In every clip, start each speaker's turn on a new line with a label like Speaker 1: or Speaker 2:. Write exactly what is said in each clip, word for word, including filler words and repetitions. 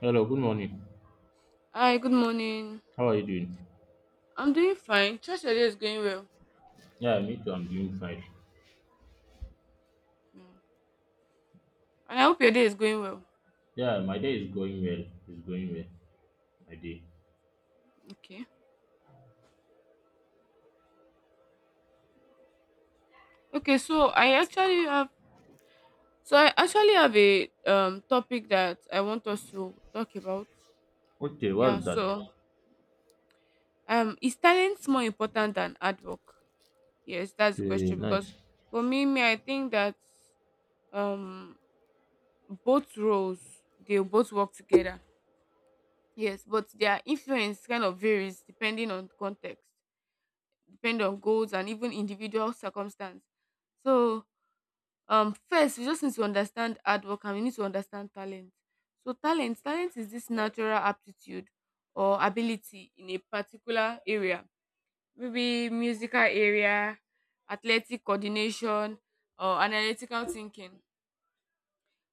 Speaker 1: Hello, good morning.
Speaker 2: Hi, good morning.
Speaker 1: How are you doing?
Speaker 2: I'm doing fine. Trust your day is going well.
Speaker 1: Yeah, me too. I'm doing fine.
Speaker 2: Mm. And I hope your day is going well.
Speaker 1: Yeah, my day is going well. It's going well. My day.
Speaker 2: Okay. Okay, so I actually have so I actually have a um topic that I want us to talk about.
Speaker 1: Okay,
Speaker 2: Yeah,
Speaker 1: what's that?
Speaker 2: so um is talent more important than hard work? Yes, that's the
Speaker 1: Okay,
Speaker 2: question. Because
Speaker 1: nice.
Speaker 2: for me, me I think that um both roles, they both work together. Yes, but their influence kind of varies depending on context, depend on goals and even individual circumstance. So um first we just need to understand hard work and we need to understand talent. So talent, talent is this natural aptitude or ability in a particular area, maybe musical area, athletic coordination or analytical thinking.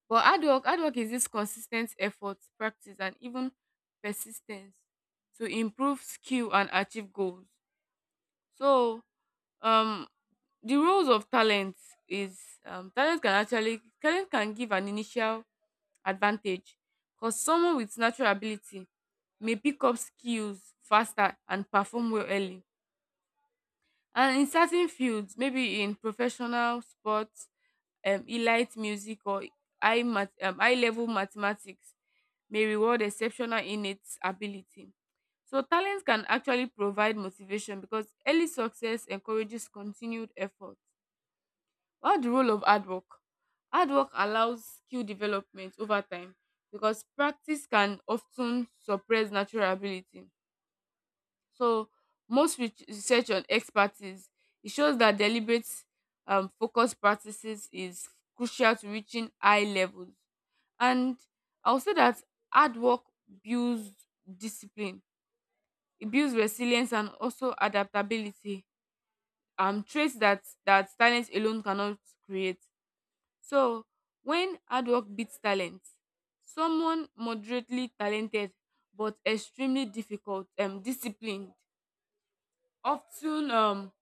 Speaker 2: But hard work, hard work is this consistent effort, practice and even persistence to improve skill and achieve goals. So um the roles of talent is um, talent can actually talent can give an initial advantage because someone with natural ability may pick up skills faster and perform well early, and in certain fields, maybe in professional sports, um, elite music or high, mat- um, high level mathematics, may reward exceptional innate ability. So talent can actually provide motivation because early success encourages continued effort. About the role of hard work: hard work allows skill development over time because practice can often suppress natural ability. So, most re- research on expertise, it shows that deliberate, um, focused practices is crucial to reaching high levels. And I'll say that hard work builds discipline, it builds resilience and also adaptability. Um, traits that that talent alone cannot create. So, when hard work beats talent, someone moderately talented but extremely difficult um, disciplined often um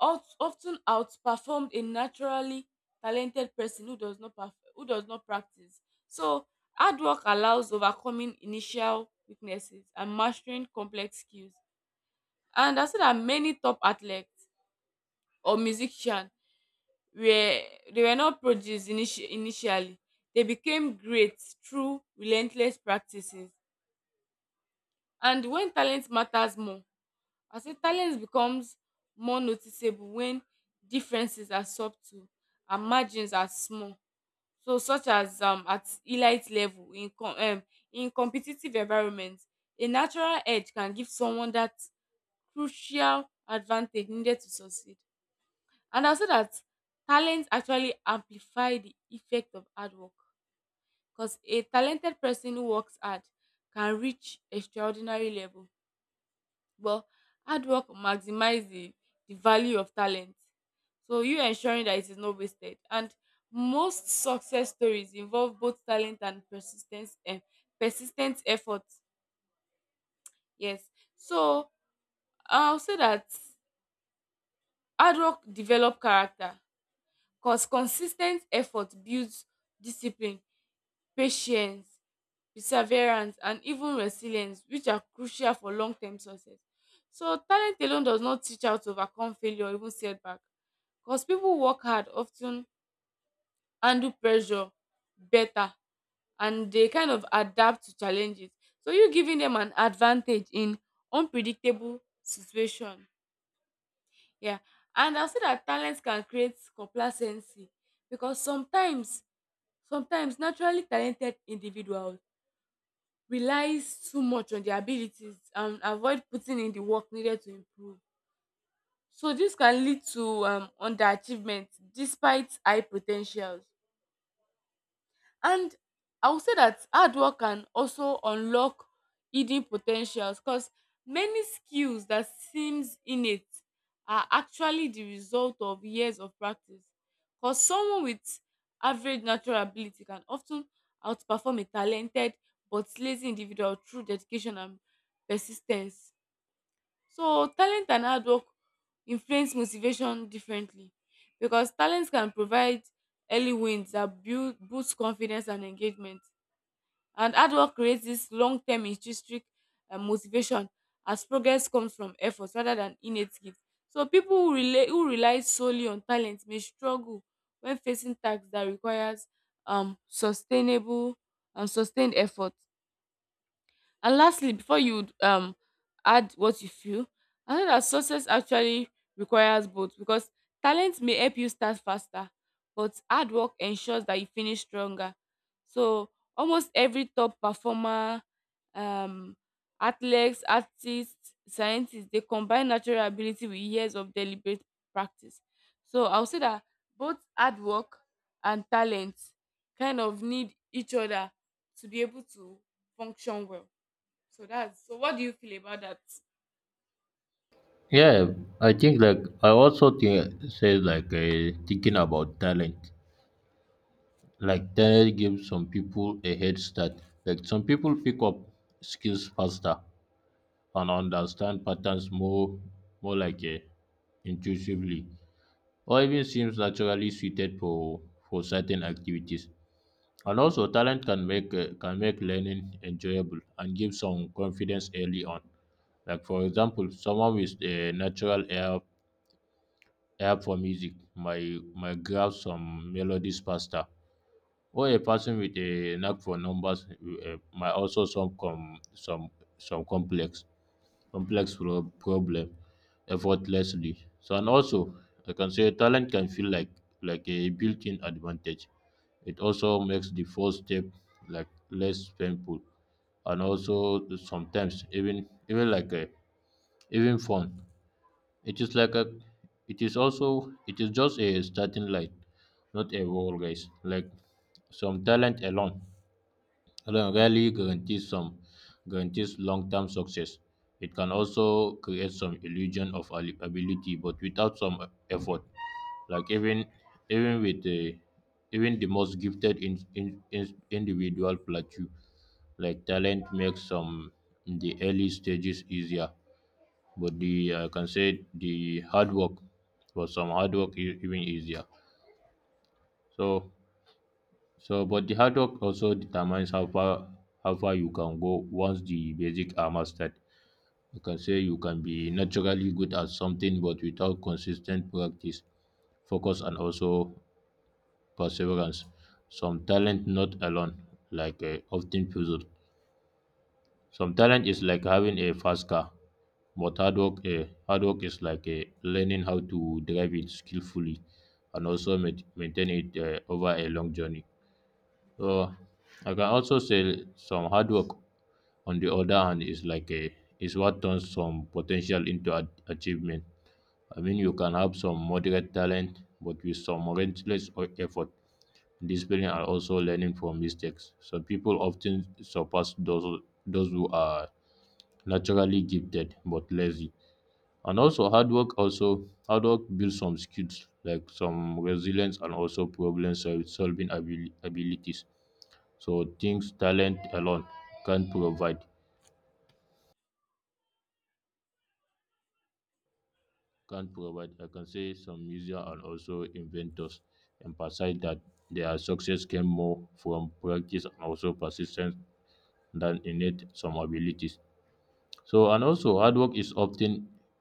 Speaker 2: out, often outperformed a naturally talented person who does not perf- who does not practice. So, hard work allows overcoming initial weaknesses and mastering complex skills. And I said that many top athletes or musicians were, they were not produced initi- initially. They became great through relentless practices. And when talent matters more, I say talent becomes more noticeable when differences are subtle and margins are small. So, such as um, at elite level in com- um, in competitive environments, a natural edge can give someone that crucial advantage needed to succeed. And also that talent actually amplify the effect of hard work, because a talented person who works hard can reach extraordinary level. But hard work maximize the, the value of talent. So you ensuring that it is not wasted. And most success stories involve both talent and persistence and persistent effort. Yes. So I'll say that hard work develop character because consistent effort builds discipline, patience, perseverance and even resilience, which are crucial for long term success. So talent alone does not teach how to overcome failure or even setback, because people who work hard often ten handle pressure better, and they kind of adapt to challenges, so you giving them an advantage in unpredictable situation. Yeah. And I'll say that talent can create complacency because sometimes sometimes naturally talented individuals relies too much on their abilities and avoid putting in the work needed to improve. So dis can lead to um underachievement despite high po ten tials. And I would say that hard work can also unlock hidden potentials because many skills that seems innate are actually the result of years of practice. Because someone with average natural ability can often outperform a talented but lazy individual through dedication and persistence. So talent and hard work influence motivation differently because talent can provide early wins that build boost confidence and engagement. And hard work creates this long-term intrinsic uh, motivation as progress comes from effort rather than innate gift. So people who rely who rely solely on talent may struggle when facing tasks that requires um sustainable and sustained effort. And lastly, before you um add what you feel, I know that success actually requires both, because talent may help you start faster, but hard work ensures that you finish stronger. So almost every top performer, um, athletes, artists, scientists, they combine natural ability with years of deliberate practice. So I'll say that both hard work and talent kind of need each other to be able to function well. So that's so. What do you feel about that?
Speaker 1: Yeah, I think like I also think say like uh, thinking about talent. Like talent gives some people a head start. Like some people pick up skills faster and understand patterns more, more like uh, intuitively, or even seems naturally suited for for certain activities. And also, talent can make uh, can make learning enjoyable and give some confidence early on. Like for example, someone with a natural ear ear for music might might grab some melodies faster, or a person with a knack for numbers uh, might also solve com, some some complex complex pro- problem effortlessly. So and also, I can say talent can feel like like a built-in advantage. It also makes the first step like less painful and also sometimes even even like a, even fun. It is like a it is also it is just a starting light, not a wall, guys. Like some talent alone re- rarely guarantees some guarantees long-term success. It can also create some illusion of ali- ability, but without some effort, like even even with the even the most gifted in, in, in- individual plateau, like talent makes some the early stages easier, but the I can say the hard work for some hard work is even easier. So so but the hard work also determines how far how far you can go once the basic are mastered. You can say you can be naturally good at something but without consistent practice, focus and also perseverance. Some talent not alone, like uh, often puzzled. Some talent is like having a fast car, but hard work, uh, hard work is like uh, learning how to drive it skillfully and also ma- maintain it uh, over a long journey. So I can also say some hard work on the other hand is like a is what turns some potential into a, achievement. I mean, you can have some moderate talent, but with some relentless o- effort, discipline and also learning from mistakes. So people often surpass those those who are naturally gifted but lazy. And also hard work also hard work builds some skills like some resilience and also problem sol- solving abil- abilities. So things talent alone can not provide can not provide. I can say some musicians and also inventors emphasize that their success came more from practice and also persistence than innate some abilities. So, and also hard work is often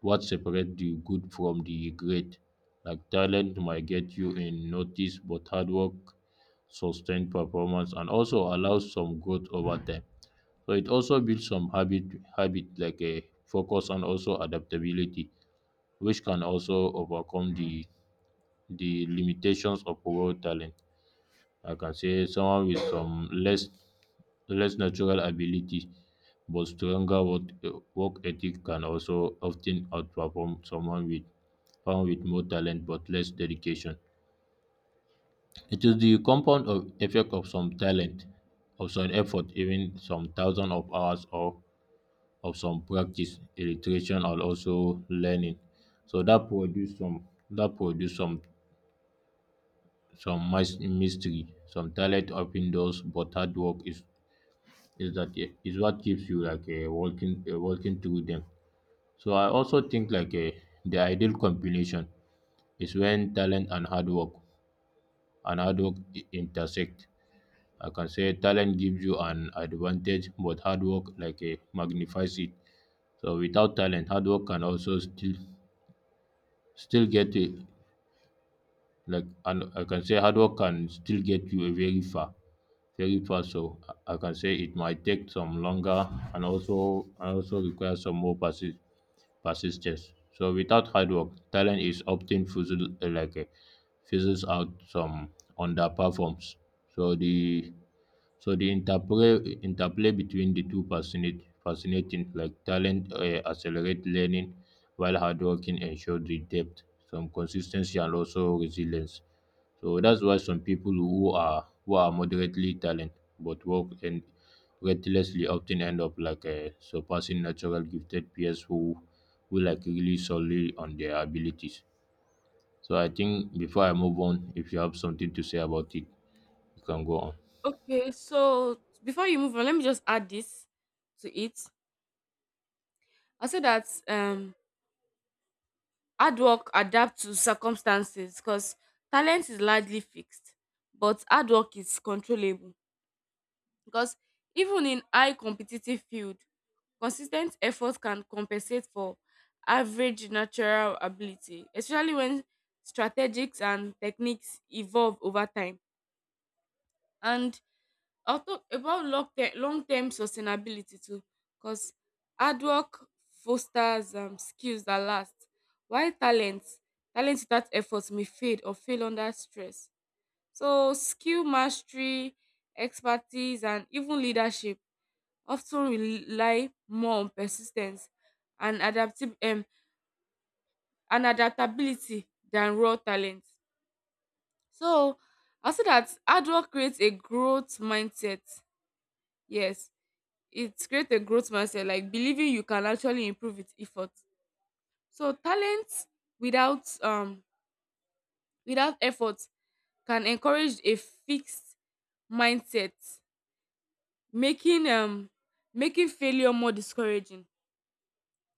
Speaker 1: what separates the good from the great. Like talent might get you in notice, but hard work sustained performance and also allows some growth over time. So it also builds some habit habit like a focus and also adaptability, which can also overcome the the limitations of raw talent. I can say someone with some less less natural ability but stronger work, work ethic can also often outperform someone with someone with more talent but less dedication. It is the compound of effect of some talent, of some effort, even some thousand of hours or of some practice, illustration or also learning. So that produce some that produce some some mis- mystery. Some talent open doors, but hard work is is that uh, is what keeps you like uh, working uh, working through them. So I also think like uh, the ideal combination is when talent and hard work and hard work i- intersect. I can say talent gives you an advantage, but hard work like uh, magnifies it. So without talent, hard work can also still still get you like and I can say hard work can still get you a very far, very far. So I I can say it might take some longer and also and also require some more persi- persistence. So without hard work, talent is often fizzle like uh, fizzles out some underperforms. So the so the interplay interplay between the two fascinate, fascinating like talent uh, accelerate learning while hard working ensure the depth, some consistency and also resilience. So that's why some people who are who are moderately talented but work and recklessly often end up like uh, surpassing natural gifted peers who who like really solely on their abilities. So I think before I move on, if you have something to say about it, you can go on.
Speaker 2: Okay, so before you move on, let me just add this to it. I say that um hard work adapt to circumstances because talent is largely fixed, but hard work is controllable. Because even in high competitive field, consistent effort can compensate for average natural ability, especially when strategies and techniques evolve over time. And I'll talk about long term long term sustainability too, because hard work fosters um, skills that last, while talent talent without effort may fade or fail under stress. So skill mastery, expertise, and even leadership often rely more on persistence and adaptib- um, and adaptability than raw talent. So I say that hard work creates a growth mindset. Yes, it's create a growth mindset, like believing you can actually improve with effort. So talent without um without effort can encourage a fixed mindset, making um making failure more discouraging.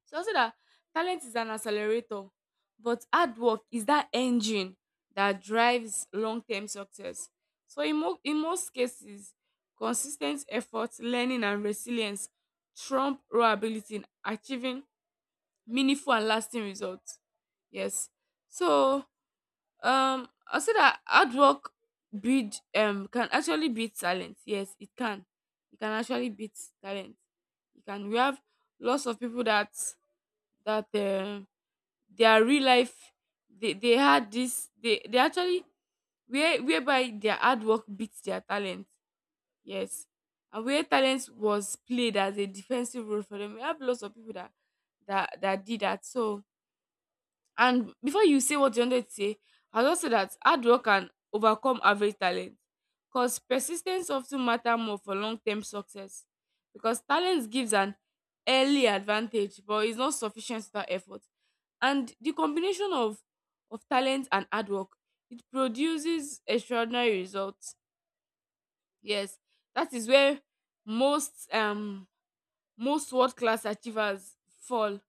Speaker 2: So also that talent is an accelerator, but hard work is that engine that drives long-term success. So in, mo- in most cases, consistent effort, learning, and resilience trump raw ability in achieving meaningful and lasting results. Yes. So um I'll say that hard work breed um can actually beat talent. Yes, it can. It can actually beat talent. You can we have lots of people that that um their real life, they, they had this they, they actually where whereby their hard work beats their talent. Yes. And where talent was played as a defensive role for them. We have lots of people that that, that did that. So, and before you say what you wanted to say, I'll just say that hard work can overcome average talent, because persistence often matter more for long-term success. Because talent gives an early advantage, but it's not sufficient without effort. And the combination of of talent and hard work, it produces extraordinary results. Yes, that is where most um most world class achievers fall.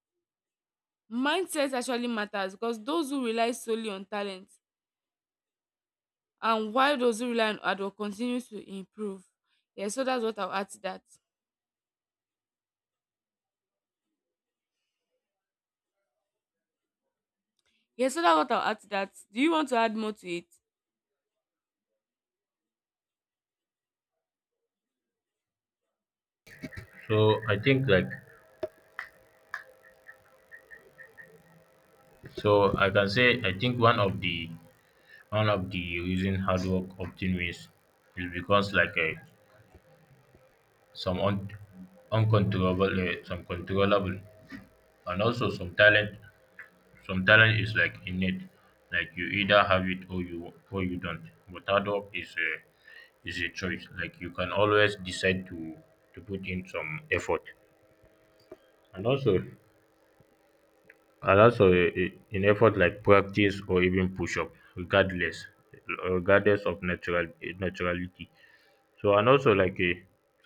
Speaker 2: Mindset actually matters because those who rely solely on talent, and while those who rely on hard work continue to improve. Yeah, so that's what I'll add to that. Yeah, so that's what I'll add to that. Do you want to add more to it?
Speaker 1: So I think like so I can say I think one of the one of the reason hard work often wins is because like uh, some un- uncontrollable uh, some controllable and also some talent. Some talent is like innate, like you either have it or you or you don't. But hard work is a is a choice. Like you can always decide to to put in some effort. And also and also i- i- in effort like practice or even push up, regardless regardless of natural eh, naturality. So and also like a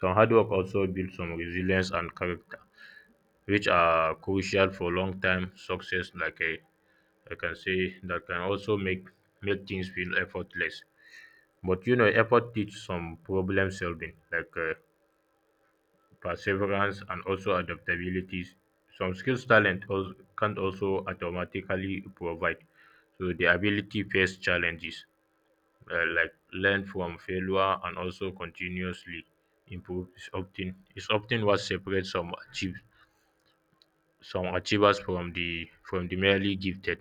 Speaker 1: some hard work also builds some resilience and character, which are crucial for long time success like a I can say that can also make make things feel effortless. But you know, effort teach some problem solving, like uh, perseverance and also adaptabilities. Some skills talent also, can also automatically provide. So the ability face challenges, uh, like learn from failure and also continuously improve is often is often what separates some achieve some achievers from the from the merely gifted.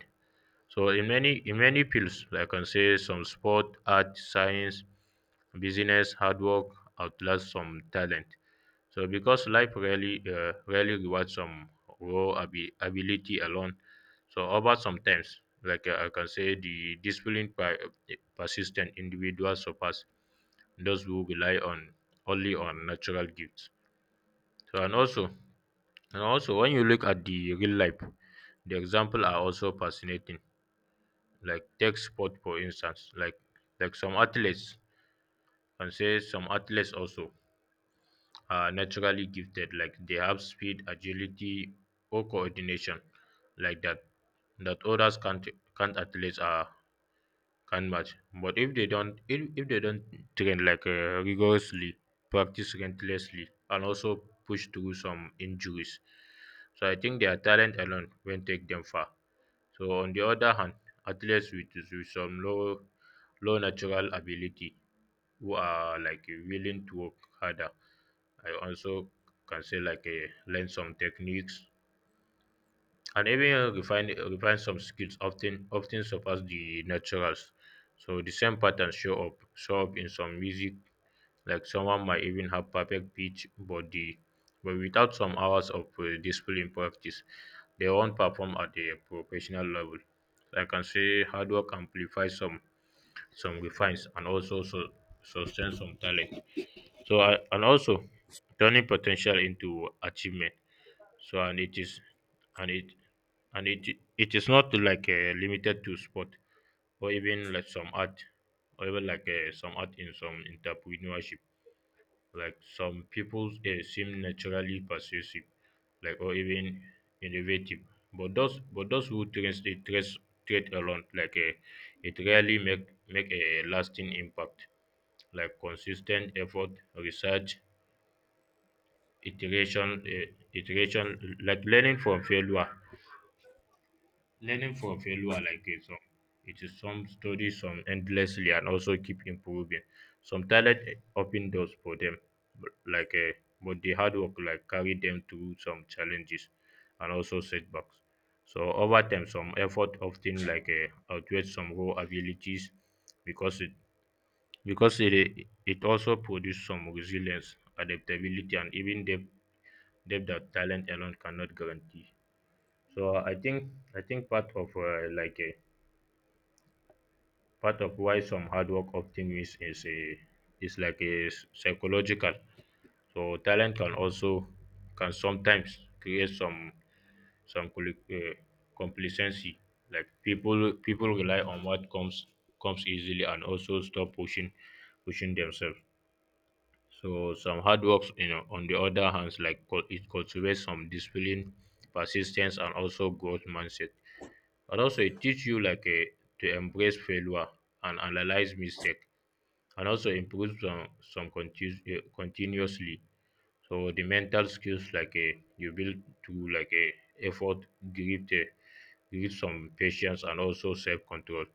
Speaker 1: So in many in many fields, like I can say some sport, art, science, business, hard work outlast some talent. So because life really uh, really rewards some raw abi- ability alone. So over sometimes, like uh, I can say, the disciplined, per- persistent individuals surpass those who rely on only on natural gifts. So and also and also when you look at the real life, the example are also fascinating like take sport for instance like like some athletes and say some athletes also are naturally gifted like they have speed agility or coordination like that that others can't can't athletes are can match but if they don't if, if they don't train like uh, rigorously practice relentlessly and also push through some injuries. So I think their talent alone won't take them far. So on the other hand, athletes with, with some low low natural ability who are like willing to work harder. I also can say like uh, learn some techniques and even refine refine some skills often often surpass the naturals. So the same patterns show up show up in some music like someone might even have perfect pitch body, but without some hours of uh, discipline practice, they won't perform at a professional level. Like, I can say hard work amplifies some some refines and also so, sustain some talent. So uh, and also turning potential into achievement. So and it is and it and it it is not like uh, limited to sport or even like some art or even like uh, some art in some entrepreneurship. Like some people eh, seem naturally persuasive, like or even innovative, but those but those who trace the trace trait alone, like eh, it rarely make make a lasting impact. Like consistent effort, research, iteration, eh, iteration, like learning from failure. Learning from failure like a song. It is some study some endlessly and also keep improving. Some talent open doors for them, but like a but the hard work like carry them through some challenges and also setbacks. So over time, some effort often like a outweighs some raw abilities because it because it eh, it also produce some resilience, adaptability, and even depth, depth that talent alone cannot guarantee. So I think I think part of uh, like a part of why some hard work often ten miss is a is like a s- psychological. So talent can also can sometimes create some some compli- uh, complacency like people people rely on what comes comes easily and also stop pushing pushing themselves. So some hard works, you know, on the other hands, like cul- it cultivates some discipline, persistence, and also growth mindset. And also it teaches you like a, to embrace failure and analyze mistake, and also improve some some continu- eh, continuously. So the mental skills like a you build through like a effort, give the give some patience, and also self control,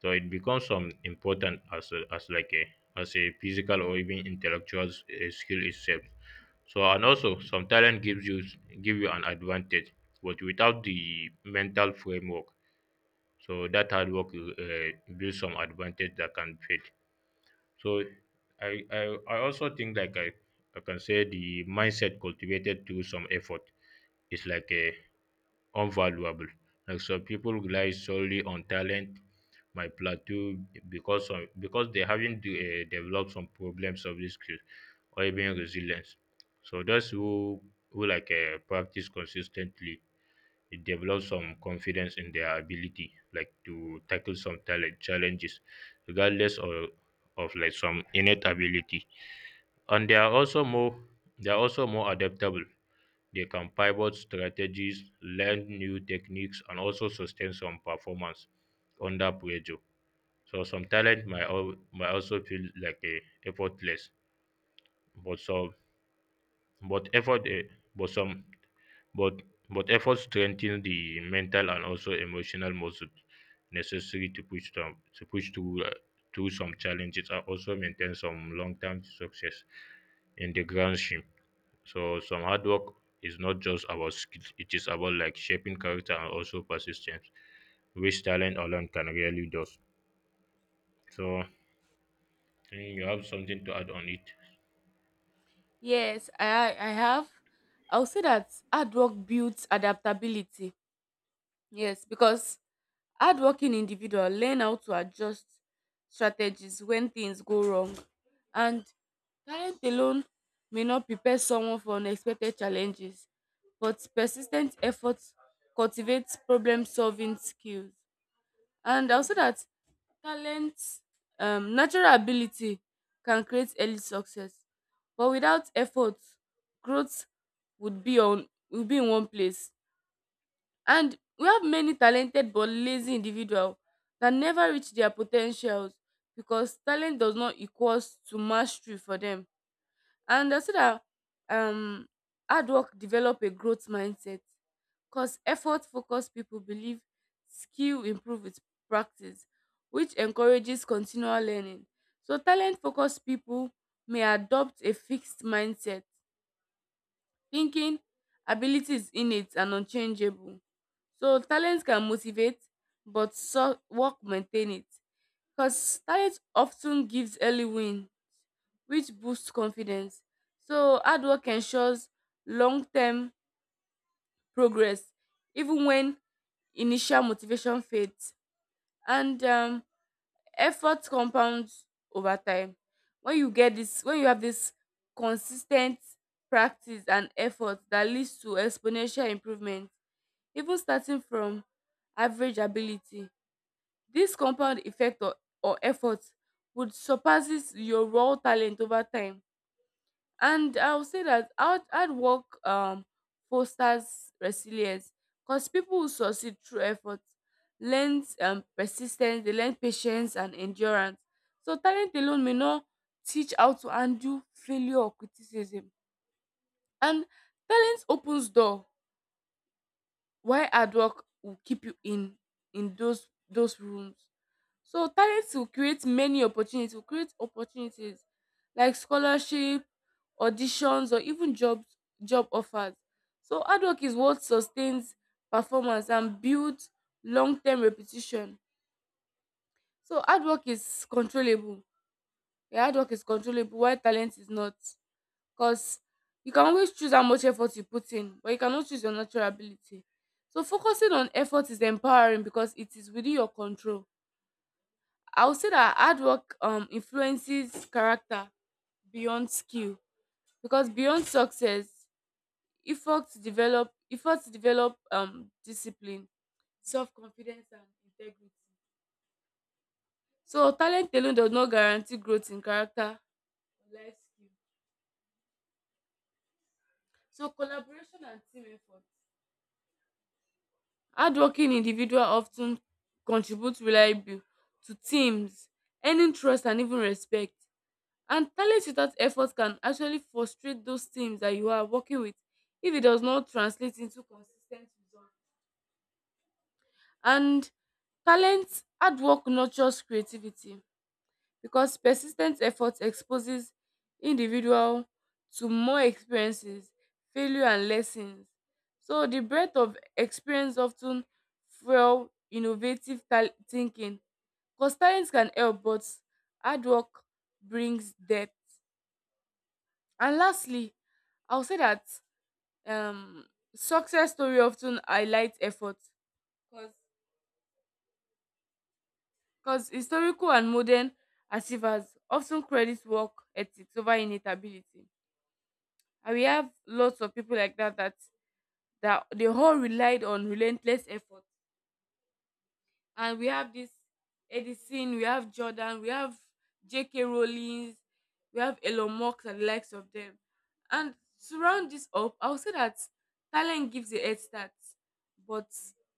Speaker 1: so it becomes some important as a, as like a as a physical or even intellectual s- uh, skill itself. So and also some talent gives you s- give you an advantage but without the mental framework so that hard work uh, builds some advantage that can fade. So i i, I also think like I, I can say the mindset cultivated through some effort is like a unvaluable. Like some people rely solely on talent, my plateau because some because they haven't de- uh, developed some problem solving skills or even resilience. So those who who like uh, practice consistently, it develops some confidence in their ability, like to tackle some talent challenges, regardless of of like some innate ability. And they are also more they are also more adaptable. They can pivot strategies, learn new techniques, and also sustain some performance under pressure. So some talent might, al- might also feel like a effortless, but some but effort eh, but some but but effort strengthen the mental and also emotional muscle necessary to push them to push through uh, through some challenges and also maintain some long term success in the grand scheme. So some hard work is not just about skills; it is about like shaping character and also persistence, which talent alone can really do. So mm, you have something to add on it.
Speaker 2: Yes, I I have. I'll say that hard work builds adaptability. Yes, because hardworking individual learn how to adjust strategies when things go wrong, and talent alone may not prepare someone for unexpected challenges, but persistent effort cultivates problem-solving skills. And also that talent, um, natural ability can create early success. But without effort, growth would be on would be in one place. And we have many talented but lazy individuals that never reach their potentials because talent does not equals to mastery for them. And I see that um hard work develop a growth mindset. Cause effort-focused people believe skill improve with practice, which encourages continual learning. So talent-focused people may adopt a fixed mindset, thinking ability is innate and unchangeable. So talent can motivate, but so work maintain it. Because talent often gives early win, which boosts confidence. So hard work ensures long-term progress even when initial motivation fades, and um, effort compounds over time. When you get this, when you have this consistent practice and effort that leads to exponential improvement, even starting from average ability, this compound effect or, or effort would surpasses your raw talent over time. And I would say that hard, hard work um fosters resilience because people who succeed through effort learn, um, persistence, they learn patience and endurance. So talent alone may not teach how to handle failure or criticism. And talent opens door while hard work will keep you in in those those rooms. So talents will create many opportunities, will create opportunities like scholarship, auditions, or even job job offers. So hard work is what sustains performance and builds long-term repetition. So hard work is controllable. Yeah, hard work is controllable while talent is not. Because you can always choose how much effort you put in, but you cannot choose your natural ability. So focusing on effort is empowering because it is within your control. I would say that hard work um influences character beyond skill because beyond success, effort to develop effort to develop um discipline, self confidence and integrity. So talent alone does not guarantee growth in character or life skill. So collaboration and team effort. Hardworking individual often contribute reliably to teams, earning trust and even respect. And talent without effort can actually frustrate those teams that you are working with if it does not translate into consistent results. And talent, hard work nurtures creativity because persistent effort exposes individual to more experiences, failure and lessons. So the breadth of experience often fuel innovative tal- thinking. Because talent can help, but hard work brings depth. And lastly, I'll say that um, success story often highlight effort because historical and modern achievers often credit work ethics over inevitability. And we have lots of people like that, that, that they all relied on relentless effort, and we have this Edison, we have Jordan, we have J K. Rowling, we have Elon Musk and the likes of them. And to round this up, I would say that talent gives a head start, but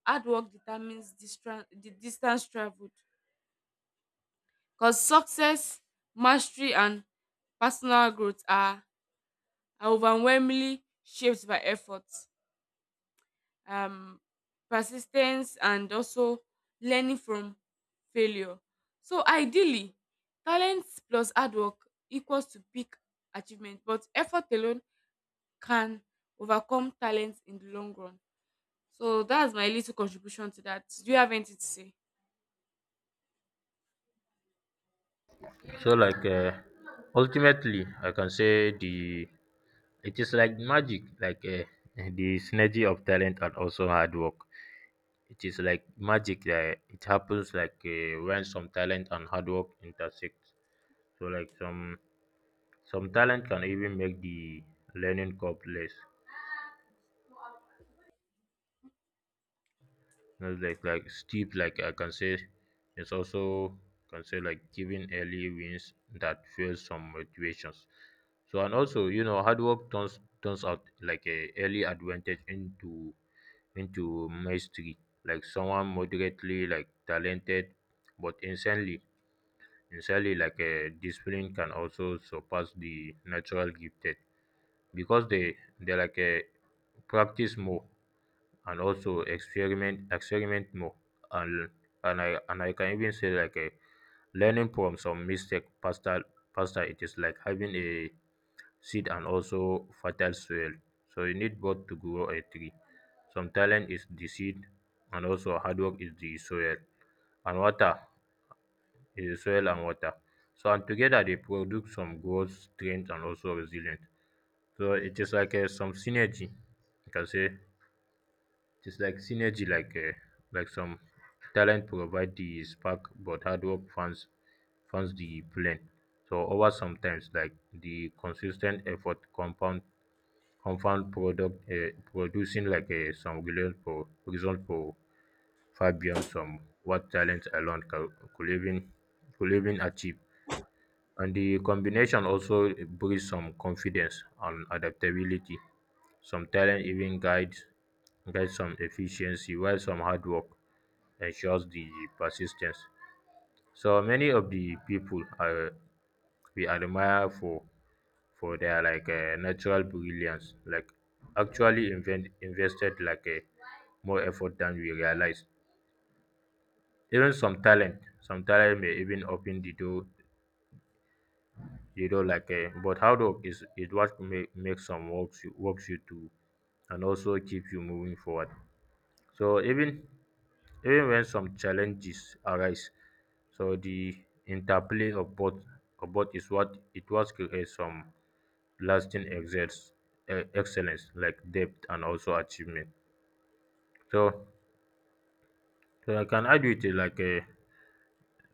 Speaker 2: hard work determines distra- the distance traveled. Because success, mastery, and personal growth are, are overwhelmingly shaped by effort, um, persistence and also learning from failure. So ideally, talent plus hard work equals to big achievement, but effort alone can overcome talent in the long run. So that's my little contribution to that. Do you have anything to say?
Speaker 1: So like uh, ultimately, I can say the it is like magic, like uh, the synergy of talent and also hard work. It is like magic that it happens like uh, when some talent and hard work intersect. So like some some talent can even make the learning curve less, you know, like like steep. Like I can say it's also can say like giving early wins that fuels some motivations. So and also, you know, hard work turns turns out like a early advantage into into mastery. Like someone moderately like talented but insanely insanely like a discipline can also surpass the natural gifted, because they they like a practice more and also experiment experiment more. And and I and I can even say like a learning from some mistake faster. Faster it is like having a seed and also fertile soil. So you need both to grow a tree. Some talent is the seed and also hard work is the soil and water is the soil and water. So and together they produce some growth, strength and also resilience. So it is like a, some synergy, you can say it's like synergy, like uh, like some talent provide the spark, but hard work funds funds the plane. So over sometimes, like the consistent effort compound compound product uh, producing like uh, some result for result for far beyond some what talent alone ca- could even could even achieve. And the combination also brings some confidence and adaptability. Some talent even guides guides some efficiency, while some hard work ensures the persistence. So many of the people are we admire for for their like uh, natural brilliance, like actually invent, invested like a more effort than we realize. Even some talent, some talent may even open the door, you know, like a, but hard work is is what make, makes some works you, works you to and also keep you moving forward. So even even when some challenges arise, so the interplay of both of both is what it was creates some lasting exerts eh, excellence like depth and also achievement. So, so I can add with it like uh,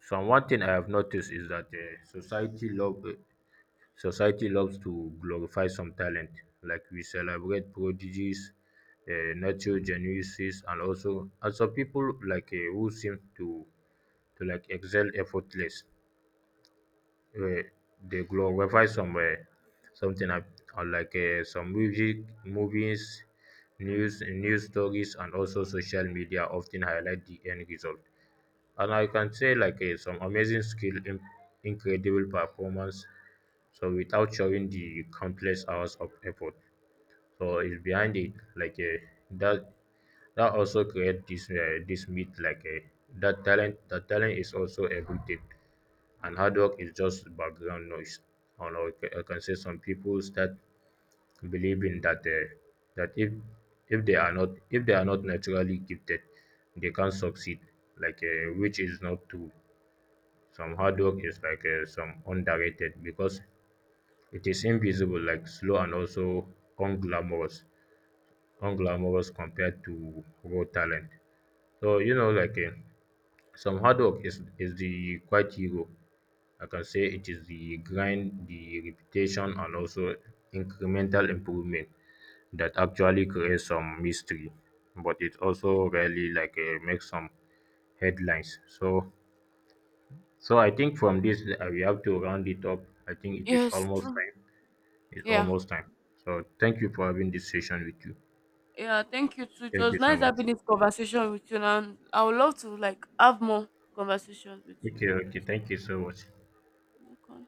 Speaker 1: some one thing I have noticed is that uh, society love uh, Society loves to glorify some talent, like we celebrate prodigies, um nurture geniuses and also, and some people like um who seem to to like excel effortless. um They glorify some um something, and and like um some music, movies, news news stories and also social media often highlight the end result. And I can say like uh, some amazing skill, in, incredible performance. So without showing the countless hours of effort, so it's behind it like uh, that. That also create this uh, this myth, like uh, that talent. That talent is also everything, and hard work is just background noise. And I ca- I can say some people start believing that uh, that if if they are not, if they are not naturally gifted, they can't succeed. Like uh, which is not true. Some hard work is like uh, some underrated because it is invisible, like slow and also unglamorous unglamorous compared to raw talent. So you know, like uh, some hard work is is the quite hero. I can say it is the grind, the repetition and also incremental improvement that actually creates some mystery, but it also
Speaker 2: Yeah.
Speaker 1: rarely like uh, makes some headlines. So so I think from this uh, we have to round it up. I think it is
Speaker 2: Yes,
Speaker 1: almost
Speaker 2: true.
Speaker 1: time. It's
Speaker 2: Yeah.
Speaker 1: almost time. So thank you for having this session with you.
Speaker 2: Yeah, thank you too. It
Speaker 1: Thank
Speaker 2: was
Speaker 1: you so
Speaker 2: nice
Speaker 1: much.
Speaker 2: having this conversation with you and I would love to like have more conversations with you
Speaker 1: Okay,
Speaker 2: like
Speaker 1: okay.
Speaker 2: this.
Speaker 1: Thank you so much.
Speaker 2: Okay.